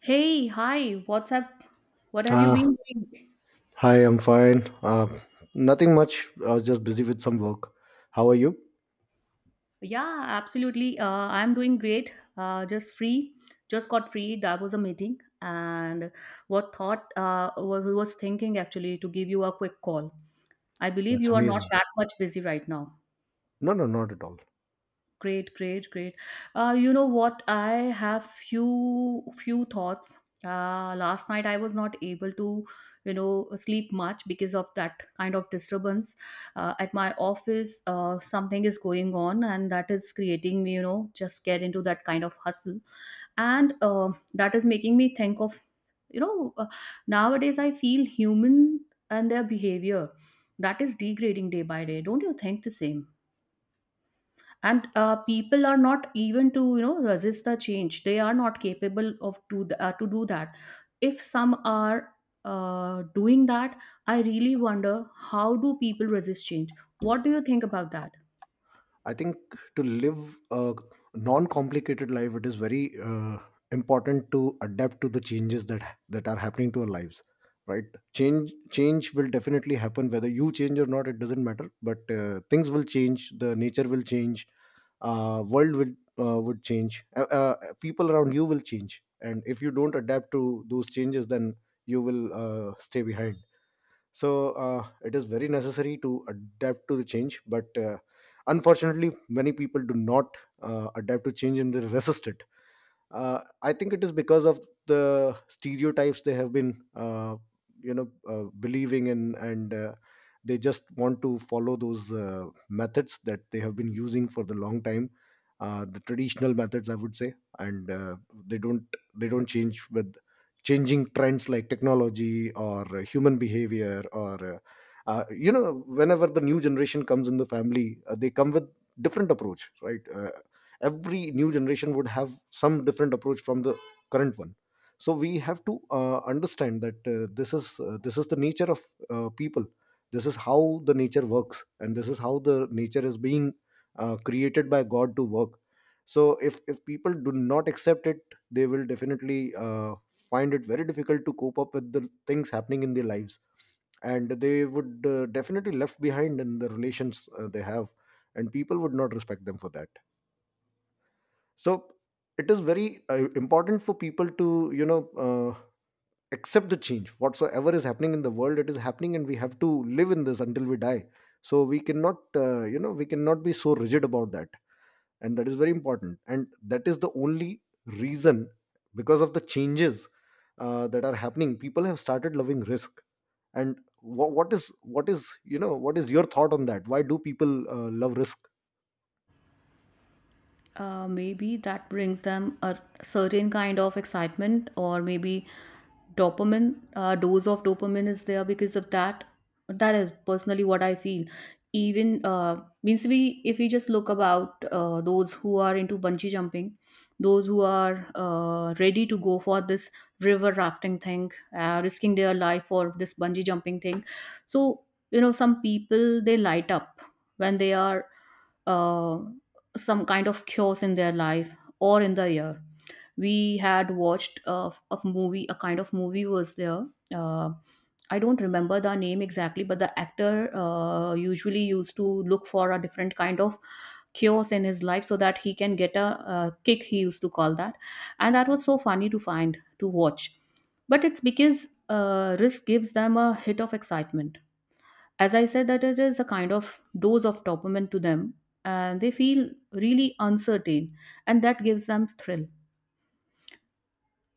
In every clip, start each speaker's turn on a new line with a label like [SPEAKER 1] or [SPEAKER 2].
[SPEAKER 1] Hey, hi, what's up? What have you
[SPEAKER 2] Uh,
[SPEAKER 1] been doing?
[SPEAKER 2] Hi, I'm fine. Nothing much. I was just busy with some work. How are you?
[SPEAKER 1] Yeah, absolutely. I'm doing great. Just got free. That was a meeting, and what thought was thinking actually to give you a quick call. I believe
[SPEAKER 2] That's
[SPEAKER 1] you are not
[SPEAKER 2] amazing.
[SPEAKER 1] that much busy right now.
[SPEAKER 2] No, no, not at all.
[SPEAKER 1] Great, great, great. You know what? I have few thoughts. Last night I was not able to sleep much because of that kind of disturbance. At my office, something is going on, and that is creating me, just get into that kind of hustle, and that is making me think of, you know, uh, nowadays I feel human and their behavior that is degrading day by day. Don't you think the same? And people are not even to resist the change. They are not capable of to do that. If some are doing that, I really wonder, how do people resist change? What do you think about that?
[SPEAKER 2] I think to live a non-complicated life, it is very important to adapt to the changes that are happening to our lives. Right? Change will definitely happen whether you change or not. It doesn't matter. But things will change. The nature will change. World will would change, people around you will change, and if you don't adapt to those changes, then you will stay behind. So it is very necessary to adapt to the change, but unfortunately many people do not adapt to change and they resist it. I think it is because of the stereotypes they have been believing in, and they just want to follow those methods that they have been using for the long time, the traditional methods, I would say. And they don't they don't change with changing trends like technology or human behavior, or whenever the new generation comes in the family, they come with different approach, right? Every new generation would have some different approach from the current one. So we have to understand that this is the nature of people. This is how the nature works, and this is how the nature is being created by God to work. So if people do not accept it, they will definitely find it very difficult to cope up with the things happening in their lives, and they would definitely left behind in the relations they have, and people would not respect them for that. So it is very important for people to accept the change. Whatsoever is happening in the world, it is happening, and we have to live in this until we die. So we cannot, we cannot be so rigid about that. And that is very important, and that is the only reason. Because of the changes that are happening, people have started loving risk. And what is your thought on that? Why do people love risk?
[SPEAKER 1] Maybe that brings them a certain kind of excitement, or maybe dopamine dose of dopamine is there because of that. That is personally what I feel. Even means, we if we just look about those who are into bungee jumping, those who are ready to go for this river rafting thing, risking their life for this bungee jumping thing. So, you know, some people they light up when they are uh, some kind of chaos in their life or in the year. We had watched a movie, a kind of movie was there. Uh, I don't remember the name exactly, but the actor usually used to look for a different kind of chaos in his life so that he can get a kick, he used to call that. And that was so funny to watch. But it's because risk gives them a hit of excitement. As I said, that it is a kind of dose of dopamine to them, and they feel really uncertain, and that gives them thrill.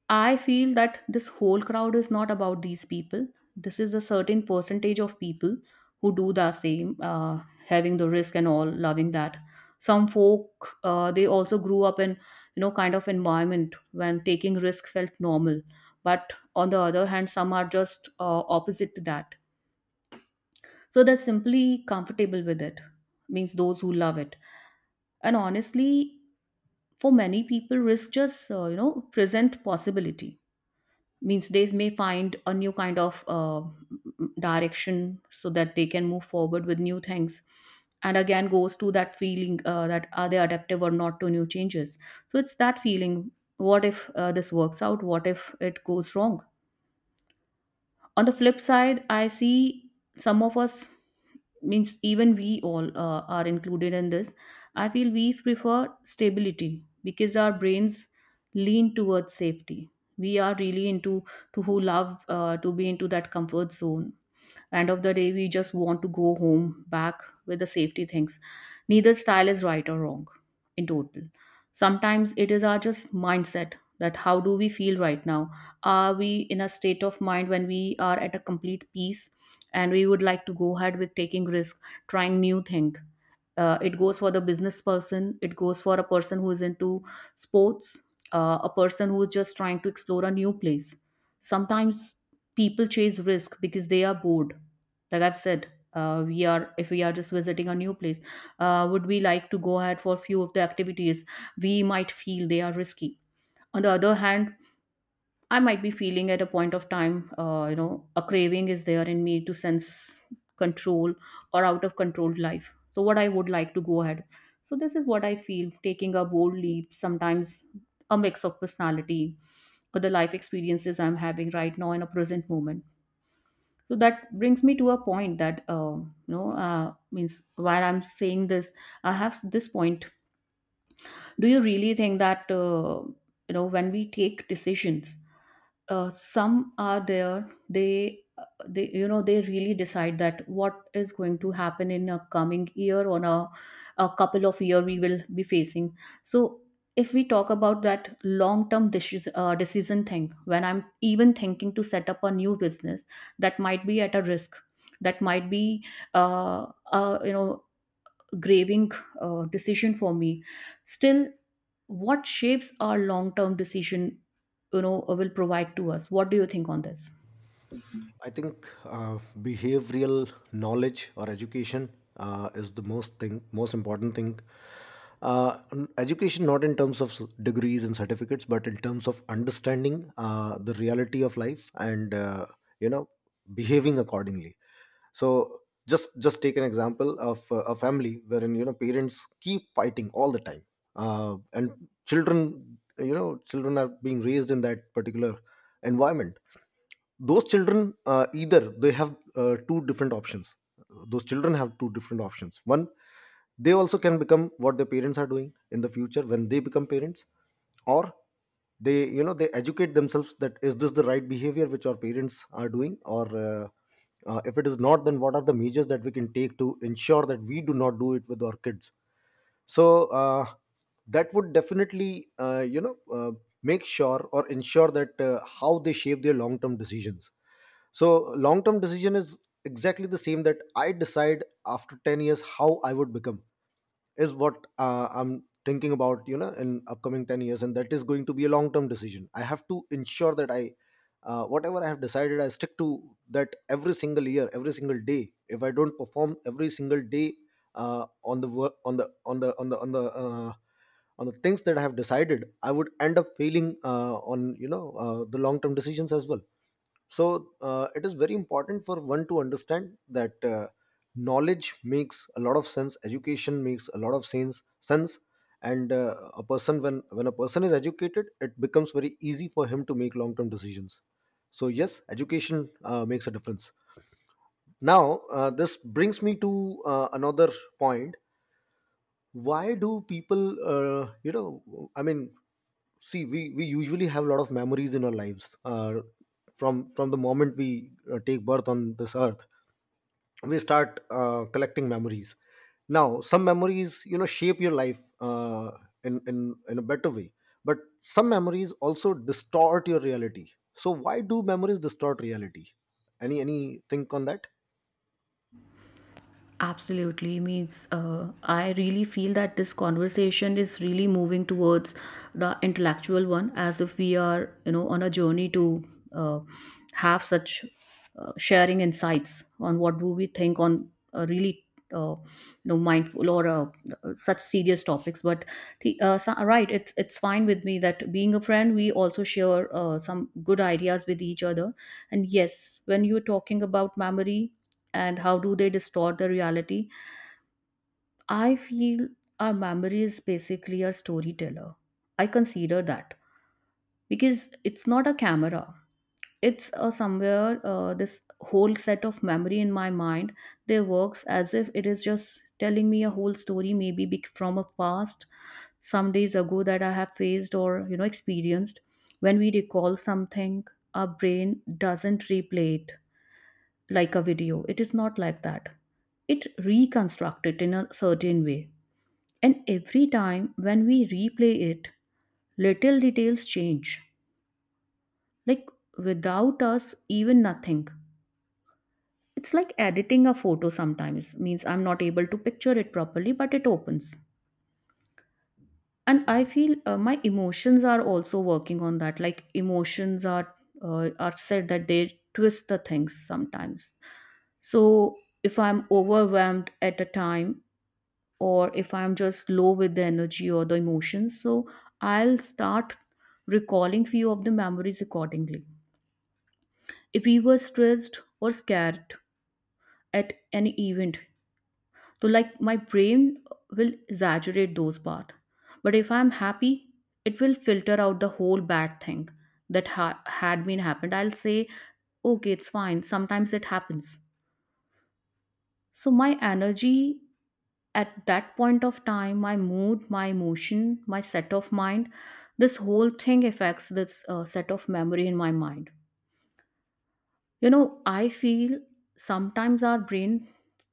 [SPEAKER 1] I feel that this whole crowd is not about these people. This is a certain percentage of people who do the same, having the risk and all, loving that. Some folk they also grew up in kind of environment when taking risk felt normal, but on the other hand, some are just opposite to that. So they're simply comfortable with it, means those who love it. And honestly, for many people, risk just, present possibility. Means they may find a new kind of direction so that they can move forward with new things. And again, goes to that feeling that are they adaptive or not to new changes. So it's that feeling, what if this works out? What if it goes wrong? On the flip side, I see some of us, means even we all are included in this. I feel we prefer stability because our brains lean towards safety. We are really into, to who love to be into that comfort zone. End of the day, we just want to go home back with the safety things. Neither style is right or wrong. In total, sometimes it is our just mindset, that how do we feel right now. Are we in a state of mind when we are at a complete peace, and we would like to go ahead with taking risk, trying new thing? It goes for the business person, it goes for a person who is into sports, a person who is just trying to explore a new place. Sometimes people chase risk because they are bored. Like I've said, we are, if we are just visiting a new place, would we like to go ahead for a few of the activities? We might feel they are risky. On the other hand, I might be feeling at a point of time, a craving is there in me to sense control or out of controlled life. So, what I would like to go ahead. So, this is what I feel, taking a bold leap, sometimes a mix of personality or the life experiences I'm having right now in a present moment. So, that brings me to a point that, means while I'm saying this, I have this point. Do you really think that, when we take decisions, some are there, they you know they really decide that what is going to happen in a coming year or a couple of year we will be facing. So, if we talk about that long term decision thing, when I'm even thinking to set up a new business, that might be at a risk, that might be uh, uh, you know graving decision for me. Still, what shapes our long term decision, will provide to us? What do you think on this?
[SPEAKER 2] I think behavioral knowledge or education is the most important thing. Education, not in terms of degrees and certificates, but in terms of understanding the reality of life, and you know behaving accordingly. So just take an example of a family wherein, parents keep fighting all the time, and children, children are being raised in that particular environment. Those children, either they have two different options. Those children have two different options. One, they also can become what their parents are doing in the future when they become parents. Or they you know they educate themselves. That is this the right behavior which our parents are doing? Or if it is not, then what are the measures that we can take to ensure that we do not do it with our kids? So that would definitely make sure or ensure that how they shape their long term decisions. So long term decision is exactly the same, that I decide after 10 years how I would become, is what I'm thinking about, in upcoming 10 years, and that is going to be a long term decision. I have to ensure that I whatever I have decided, I stick to that, every single year, every single day. If I don't perform every single day on the work, on the on the on the on the on the things that I have decided, I would end up failing on the long term decisions as well. So it is very important for one to understand that knowledge makes a lot of sense. Education makes a lot of sense. And a person, when a person is educated, it becomes very easy for him to make long term decisions. So yes, education makes a difference. Now, this brings me to another point. Why do people I mean, see, we usually have a lot of memories in our lives, from the moment we take birth on this earth, we start collecting memories. Now, some memories, shape your life in a better way. But some memories also distort your reality. So why do memories distort reality? Any think on that?
[SPEAKER 1] Absolutely, means I really feel that this conversation is really moving towards the intellectual one, as if we are, you know, on a journey to uh, have such sharing insights on what do we think on a really, uh, mindful or such serious topics. But so, right, it's fine with me that, being a friend, we also share some good ideas with each other. And yes, when you're talking about memory and how do they distort the reality, I feel our memory is basically our storyteller. I consider that because it's not a camera. It's somewhere, this whole set of memory in my mind, they works as if it is just telling me a whole story, maybe from a past some days ago that I have faced or experienced. When we recall something, our brain doesn't replay it like a video. It is not like that. It reconstruct it in a certain way, and every time when we replay it, little details change, like without us even nothing. It's like editing a photo sometimes, means I'm not able to picture it properly, but it opens. And I feel my emotions are also working on that. Like emotions are said that they twist the things sometimes. So if I'm overwhelmed at a time, or if I'm just low with the energy or the emotions, so I'll start recalling few of the memories accordingly. If we were stressed or scared at any event, so, like, my brain will exaggerate those part. But if I'm happy, it will filter out the whole bad thing that had been happened. I'll say, okay, it's fine, sometimes it happens. So my energy at that point of time, my mood, my emotion, my set of mind, this whole thing affects this set of memory in my mind. You know, I feel sometimes our brain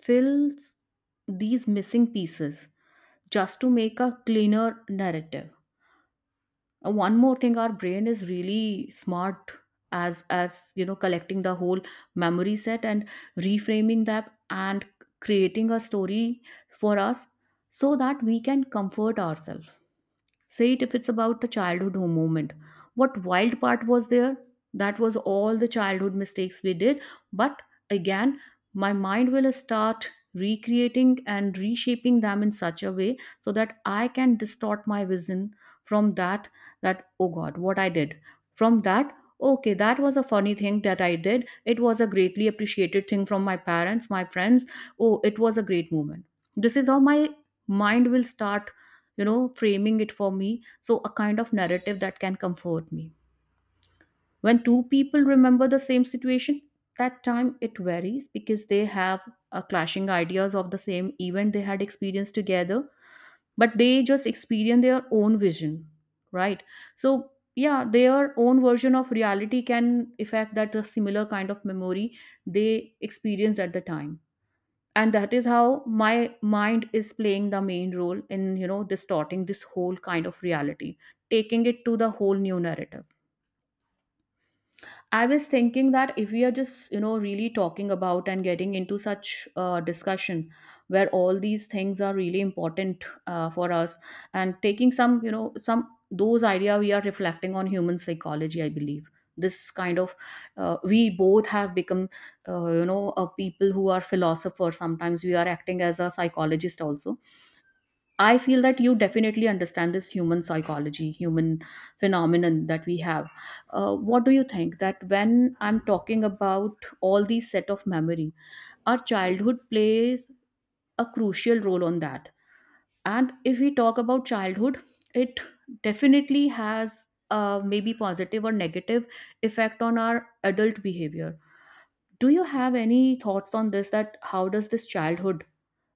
[SPEAKER 1] fills these missing pieces just to make a cleaner narrative. One more thing, our brain is really smart, as you know, collecting the whole memory set and reframing that and creating a story for us so that we can comfort ourselves. Say it, if it's about a childhood home moment, what wild part was there? That was all the childhood mistakes we did. But again, my mind will start recreating and reshaping them in such a way so that I can distort my vision from that. Oh God, what I did. From that, okay, that was a funny thing that I did. It was a greatly appreciated thing from my parents, my friends. Oh, it was a great moment. This is how my mind will start, you know, framing it for me. So, a kind of narrative that can comfort me. When two people remember the same situation, that time it varies because they have clashing ideas of the same event they had experienced together, but they just experience their own vision, right? So, yeah, their own version of reality can affect that similar kind of memory they experienced at the time, and that is how my mind is playing the main role in, distorting this whole kind of reality, taking it to the whole new narrative. I was thinking that, if we are just, you know, really talking about and getting into such discussion where all these things are really important for us, and taking some, you know, some those idea, we are reflecting on human psychology, I believe. This kind of, we both have become, people who are philosophers, sometimes we are acting as a psychologist also. I feel that you definitely understand this human psychology, human phenomenon that we have. What do you think that when I'm talking about all these set of memory, our childhood plays a crucial role on that. And if we talk about childhood, it definitely has maybe positive or negative effect on our adult behavior. Do you have any thoughts on this? That how does this childhood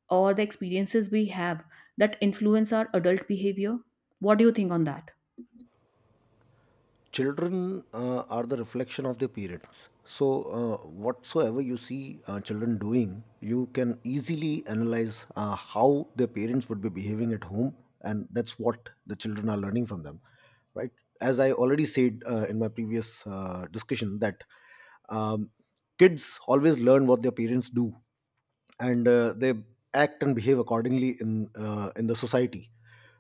[SPEAKER 1] or the experiences we have that influence our adult behavior, what do you think on that?
[SPEAKER 2] Children, are the reflection of their parents. So whatsoever you see children doing, you can easily analyze how their parents would be behaving at home, and that's what the children are learning from them, right? As I already said in my previous discussion that um, kids always learn what their parents do, and they act and behave accordingly in the society.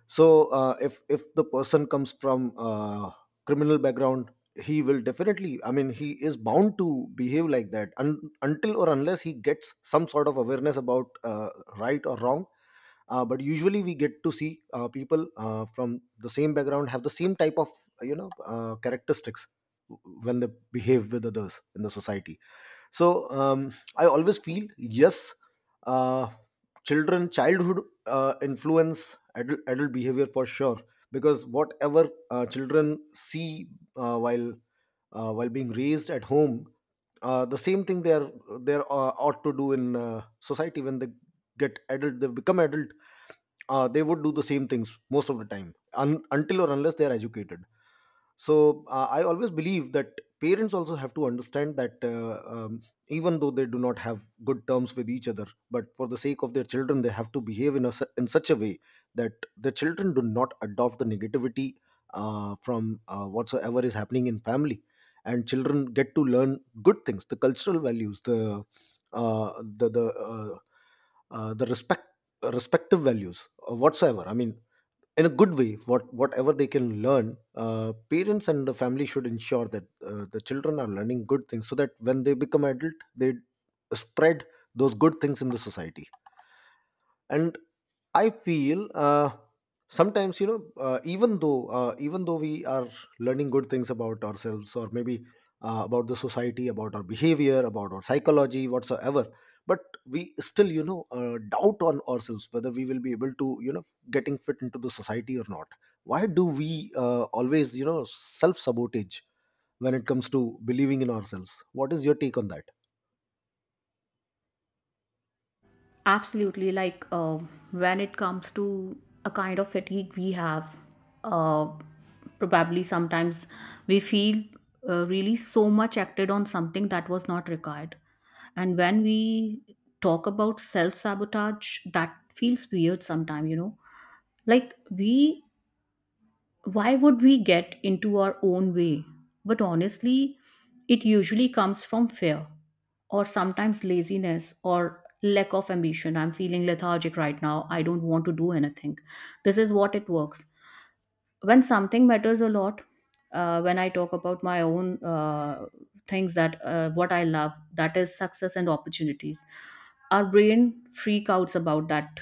[SPEAKER 2] So if the person comes from criminal background, he will definitely, I mean, he is bound to behave like that, until or unless he gets some sort of awareness about right or wrong. But usually we get to see people from the same background have the same type of characteristics when they behave with others in the society. So I always feel, yes, uh, children childhood influence adult behavior for sure, because whatever children see, uh, while while being raised at home, the same thing ought to do in society when they get adult they become adult. They would do the same things most of the time, until or unless they are educated. So I always believe that parents also have to understand that, even though they do not have good terms with each other, but for the sake of their children they have to behave in such a way that the children do not adopt the negativity from whatsoever is happening in family, and children get to learn good things, the cultural values, uh, the the uh, the respect respective values, whatsoever, I mean, in a good way, whatever they can learn. Parents and the family should ensure that the children are learning good things, so that when they become adult, they spread those good things in the society. And I feel, sometimes, even though we are learning good things about ourselves, or maybe about the society, about our behavior, about our psychology, whatsoever, but we still, doubt on ourselves whether we will be able to, getting fit into the society or not. Why do we always, self sabotage when it comes to believing in ourselves? What is your take on that?
[SPEAKER 1] Absolutely. Like when it comes to a kind of fatigue we have, uh, probably sometimes we feel really so much acted on something that was not required. And when we talk about self sabotage, that feels weird sometimes, you know, like, we, why would we get into our own way? But honestly, it usually comes from fear or sometimes laziness or lack of ambition. I'm feeling lethargic right now. I don't want to do anything. This is what it works. When something matters a lot, when I talk about my own things that what I love, that is success and opportunities, our brain freak outs about that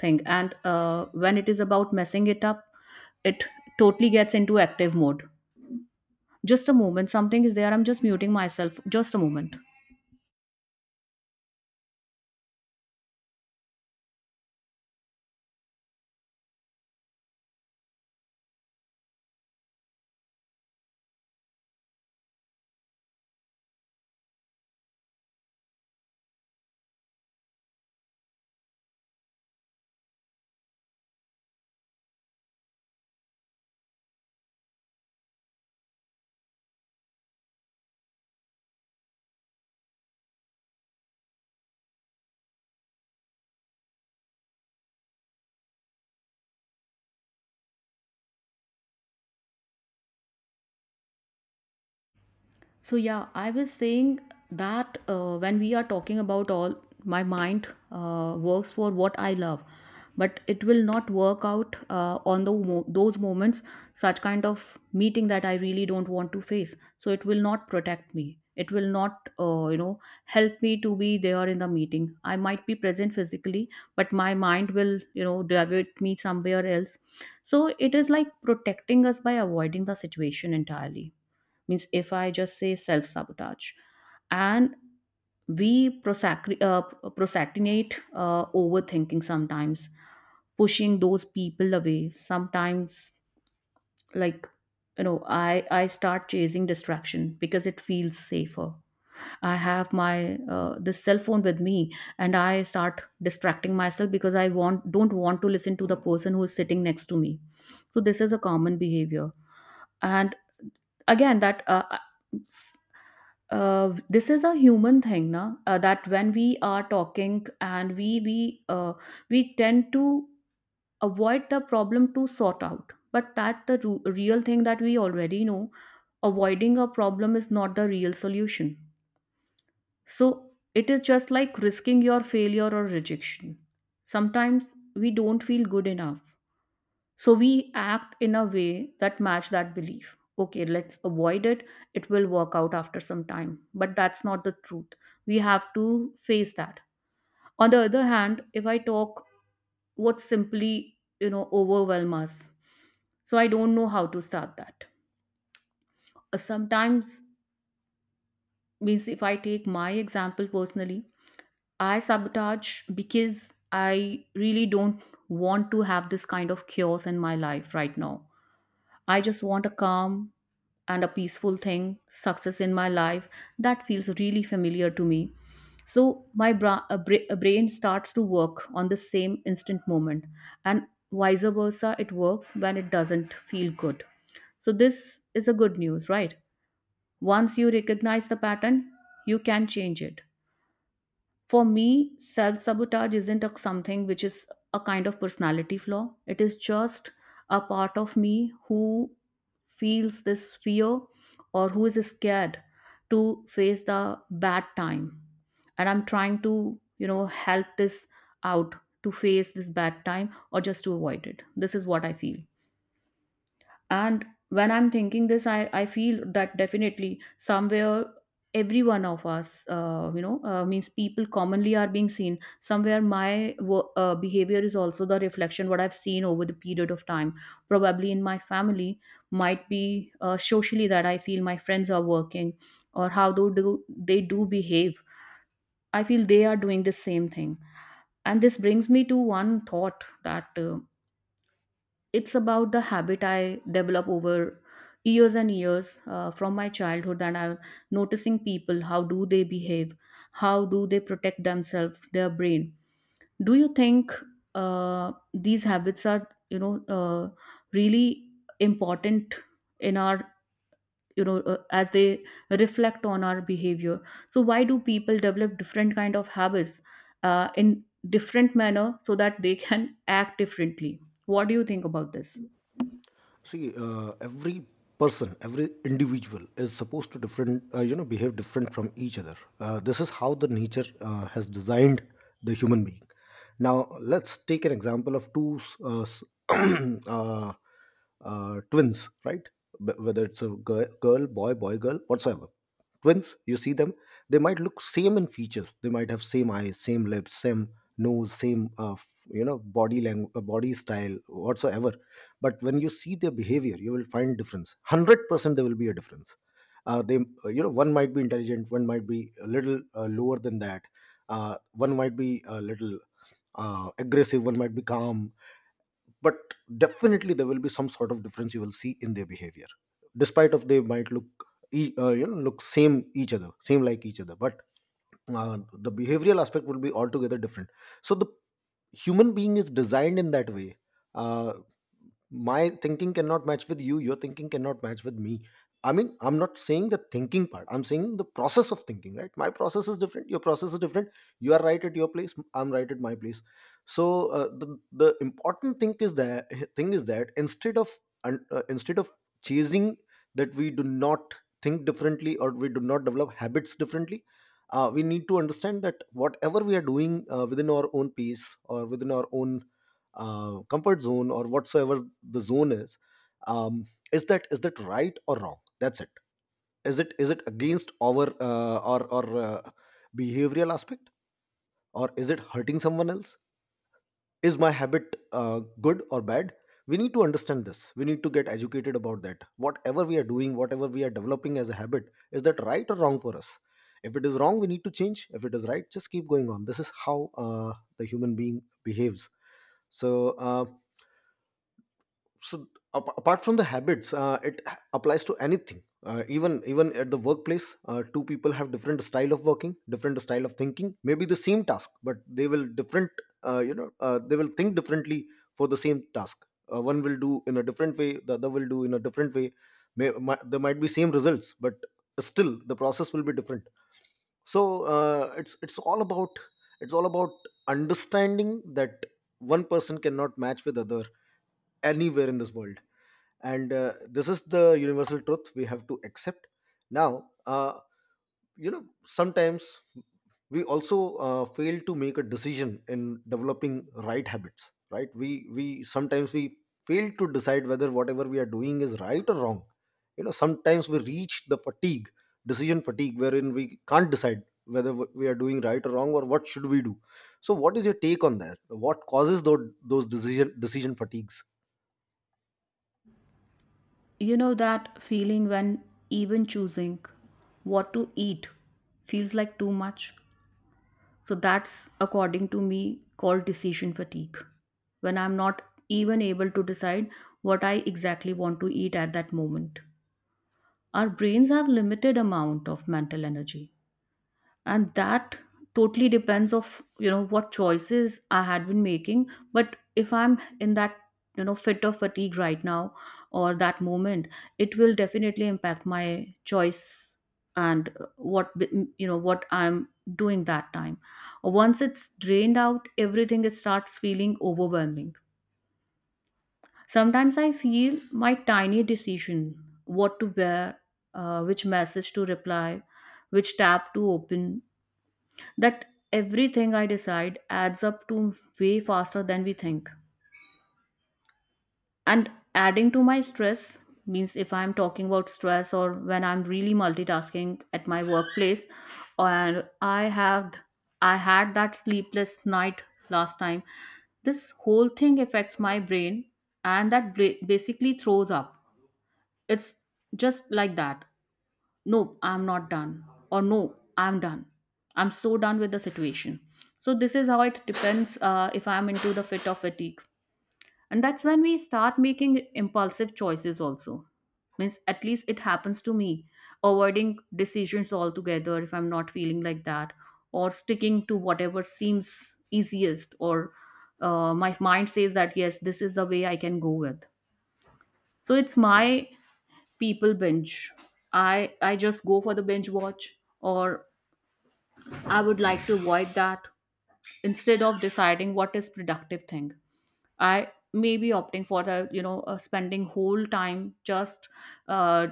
[SPEAKER 1] thing. And when it is about messing it up, it totally gets into active mode. Just a moment, something is there. I'm just muting myself. Just a moment. So yeah, I was saying that when we are talking about all, my mind works for what I love, but it will not work out on the those moments, such kind of meeting that I really don't want to face. So it will not protect me. It will not, you know, help me to be there in the meeting. I might be present physically, but my mind will, you know, divert me somewhere else. So it is like protecting us by avoiding the situation entirely. Means if I just say self sabotage, and we procrastinate, overthinking sometimes, pushing those people away sometimes, like, you know, I start chasing distraction because it feels safer. I have my this cell phone with me, and I start distracting myself because I want don't want to listen to the person who is sitting next to me. So this is a common behavior. And again, that this is a human thing na that when we are talking and we tend to avoid the problem to sort out, but that the real thing that we already know, avoiding a problem is not the real solution. So it is just like risking your failure or rejection. Sometimes we don't feel good enough, so we act in a way that match that belief. Okay, let's avoid it. It will work out after some time, but that's not the truth. We have to face that. On the other hand, if I talk, what simply, you know, overwhelm us, so I don't know how to start that. Sometimes, means if I take my example personally, I sabotage because I really don't want to have this kind of chaos in my life right now. I just want a calm and a peaceful thing, success in my life, that feels really familiar to me. So my bra- a bra- a brain starts to work on the same instant moment, and vice versa, it works when it doesn't feel good. So this is a good news, right? Once you recognize the pattern, you can change it. For me, self sabotage isn't a, something which is a kind of personality flaw. It is just a part of me who feels this fear or who is scared to face the bad time. And I'm trying to, you know, help this out to face this bad time or just to avoid it. This is what I feel. And when I'm thinking this, I feel that definitely somewhere every one of us, you know, means people commonly are being seen. Somewhere my behavior is also the reflection what I've seen over the period of time. Probably in my family, might be socially, that I feel my friends are working or how do they do behave. I feel they are doing the same thing. And this brings me to one thought that. It's about the habit I develop over years and years from my childhood, that I'm noticing people how do they behave, how do they protect themselves, their brain. Do you think these habits are, you know, really important in our, you know, as they reflect on our behavior? So why do people develop different kind of habits in different manner so that they can act differently? What do you think about this?
[SPEAKER 2] See, every person, every individual is supposed to behave different from each other. This is how the nature has designed the human being. Now, let's take an example of two uh, twins, right? Whether it's a girl, girl, boy, boy, girl, whatsoever. Twins, you see them, they might look same in features. They might have same eyes, same lips, same nose, same body language, body style, whatsoever, but when you see their behavior, you will find difference 100%. There will be a difference. They you know One might be intelligent, one might be a little lower than that. One might be a little aggressive, one might be calm, but definitely there will be some sort of difference you will see in their behavior. Despite of they might look same like each other, but the behavioral aspect will be altogether different. So the human being is designed in that way. uh, my thinking cannot match with you, your thinking cannot match with me. I mean, I'm not saying the thinking part, I'm saying the process of thinking, right? My process is different, your process is different. You are right at your place, I'm right at my place. So the important thing is that, instead of un- uh, instead of chasing that we do not think differently, or we do not develop habits differently. We need to understand that whatever we are doing within our own pace, or within our own comfort zone, or whatsoever the zone is, um, is that right or wrong? That's it. Is it is it against our or behavioral aspect, or is it hurting someone else? Is my habit good or bad? We need to understand this, we need to get educated about that. Whatever we are doing, whatever we are developing as a habit, is that right or wrong for us? If it is wrong, we need to change. If it is right, just keep going on. This is how the human being behaves. So uh, so apart from the habits, applies to anything, even at the workplace, two people have different style of working, different style of thinking, maybe the same task, but they will different. They will think differently for the same task. One will do in a different way, the other will do in a different way. There might be same results, but still the process will be different. So uh, it's it's all about it's all about understanding that one person cannot match with other anywhere in this world, and this is the universal truth we have to accept. Now, sometimes we also fail to make a decision in developing right habits, right? We we sometimes we fail to decide whether whatever we are doing is right or wrong. Sometimes we reach the fatigue decision fatigue wherein we can't decide whether we are doing right or wrong, or what should we do. So what is your take on that? What causes those decision fatigues?
[SPEAKER 1] You know that feeling when even choosing what to eat feels like too much? So that's according to me called decision fatigue. When I'm not even able to decide what I exactly want to eat at that moment. Our brains have limited amount of mental energy, and that totally depends of, you know, what choices I had been making. But if I'm in that, you know, fit of fatigue right now or that moment, it will definitely impact my choice and what you know, what I'm doing that time. Once it's drained out everything, it starts feeling overwhelming. Sometimes I feel my tiny decision, what to wear, which message to reply, which tab to open, that everything I decide adds up to way faster than we think. And adding to my stress, means if I'm talking about stress or when I'm really multitasking at my workplace, and I had that sleepless night last time. This whole thing affects my brain, and that basically throws up. It's just like that. Nope, I'm not done. Or no, I'm done. I'm so done with the situation. So this is how it depends, if I'm into the fit of fatigue. And that's when we start making impulsive choices also, means at least it happens to me, avoiding decisions altogether if I'm not feeling like that, or sticking to whatever seems easiest, or my mind says that yes, this is the way I can go with. So it's my, people binge, i I just go for the binge watch. Or I would like to avoid that. Instead of deciding what is productive thing, I may be opting for the, you know, spending whole time just uh,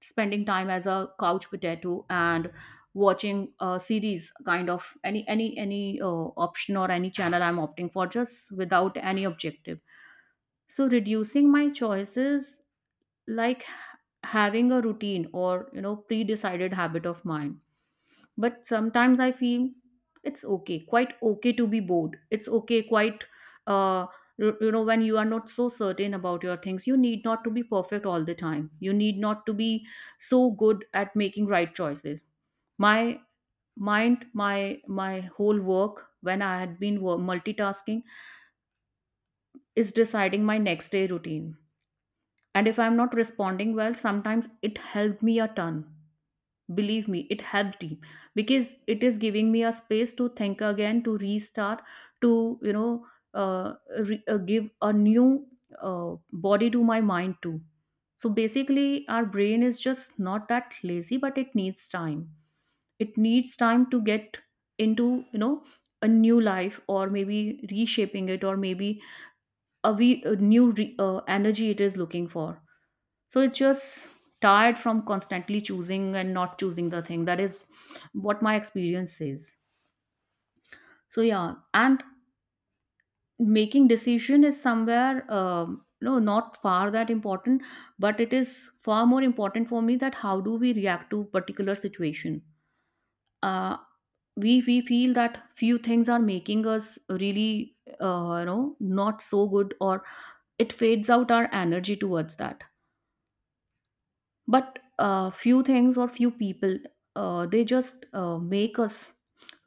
[SPEAKER 1] spending time as a couch potato and watching a series, kind of any option or any channel I'm opting for just without any objective. So reducing my choices, like having a routine or, you know, pre-decided habit of mine. But sometimes I feel it's okay, quite okay to be bored. It's okay, quite uh you, you know, when you are not so certain about your things, you need not to be perfect all the time. You need not to be so good at making right choices. My mind, my whole work, when I had been multitasking, is deciding my next day routine. And if I'm not responding well, sometimes it helped me a ton. Believe me, it helped me, because it is giving me a space to think again, to restart, to, you know, uh, give a new body to my mind too. So basically, our brain is just not that lazy, but it needs time. It needs time to get into, you know, a new life, or maybe reshaping it, or maybe a new energy it is looking for. So it's just tired from constantly choosing and not choosing the thing. That is what my experience says. So yeah, and making decision is somewhere, no, not far that important, but it is far more important for me that how do we react to particular situation. uh, we feel that few things are making us really, you know, not so good, or it fades out our energy towards that. But few things or few people, they just make us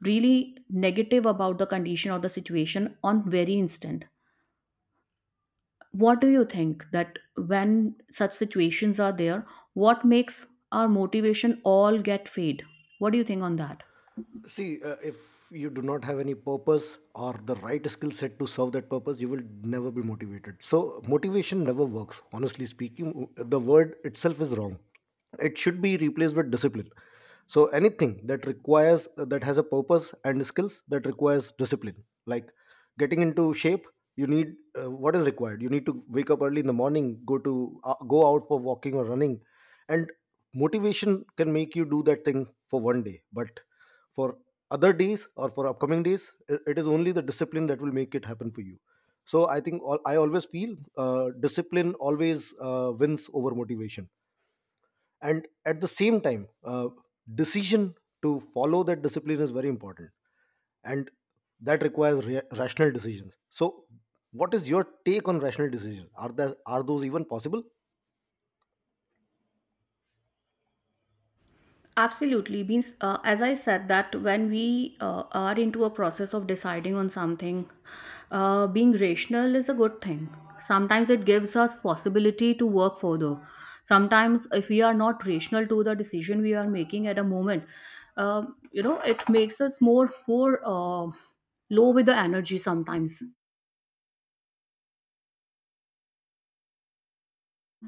[SPEAKER 1] really negative about the condition or the situation on very instant. What do you think that when such situations are there, what makes our motivation all get fade? What do you think on that?
[SPEAKER 2] See, if you do not have any purpose or the right skill set to serve that purpose, you will never be motivated. So, motivation never works. Honestly speaking, the word itself is wrong. It should be replaced with discipline. So, anything that requires, that has a purpose and skills, that requires discipline. Like getting into shape, you need what is required. You need to wake up early in the morning, go out for walking or running, and motivation can make you do that thing for one day, but for other days or for upcoming days, it is only the discipline that will make it happen for you. So I always feel, discipline always wins over motivation. And at the same time, decision to follow that discipline is very important, and that requires rational decisions. So what is your take on rational decisions? Are there are those even possible?
[SPEAKER 1] Absolutely. Means, as I said, that when we are into a process of deciding on something, being rational is a good thing. Sometimes it gives us possibility to work further. Sometimes, if we are not rational to the decision we are making at a moment, uh, you know, it makes us more low with the energy sometimes.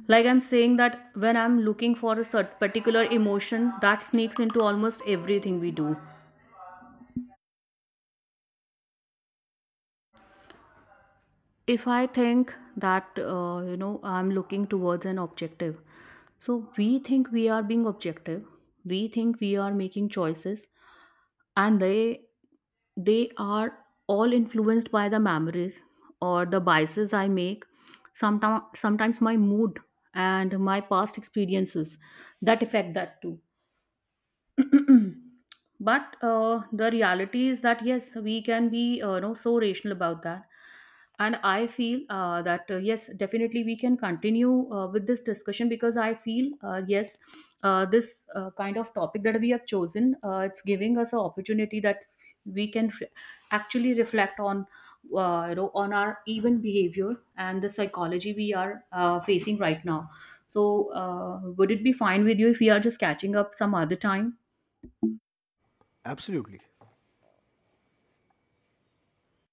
[SPEAKER 1] Like I'm saying that when I'm looking for a certain particular emotion, that sneaks into almost everything we do. If I think that, you know, I'm looking towards an objective, so we think we are being objective, we think we are making choices, and they are all influenced by the memories or the biases I make. Sometimes my mood and my past experiences, that affect that too. But the reality is that yes, we can be, you know, so rational about that. And I feel, that yes, definitely we can continue with this discussion, because I feel, yes, this kind of topic that we have chosen, it's giving us an opportunity that we can actually reflect on, you know, on our even behavior and the psychology we are facing right now. So would it be fine with you if we are just catching up some other time?
[SPEAKER 2] Absolutely.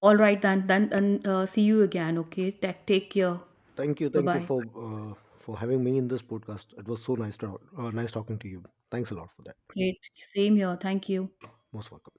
[SPEAKER 1] All right, then, and see you again. Okay, take care.
[SPEAKER 2] Thank you,
[SPEAKER 1] Bye
[SPEAKER 2] thank you
[SPEAKER 1] bye.
[SPEAKER 2] uh, for having me in this podcast. It was so nice talking to you. Thanks a lot for that.
[SPEAKER 1] Great. Same here. Thank you.
[SPEAKER 2] Most welcome.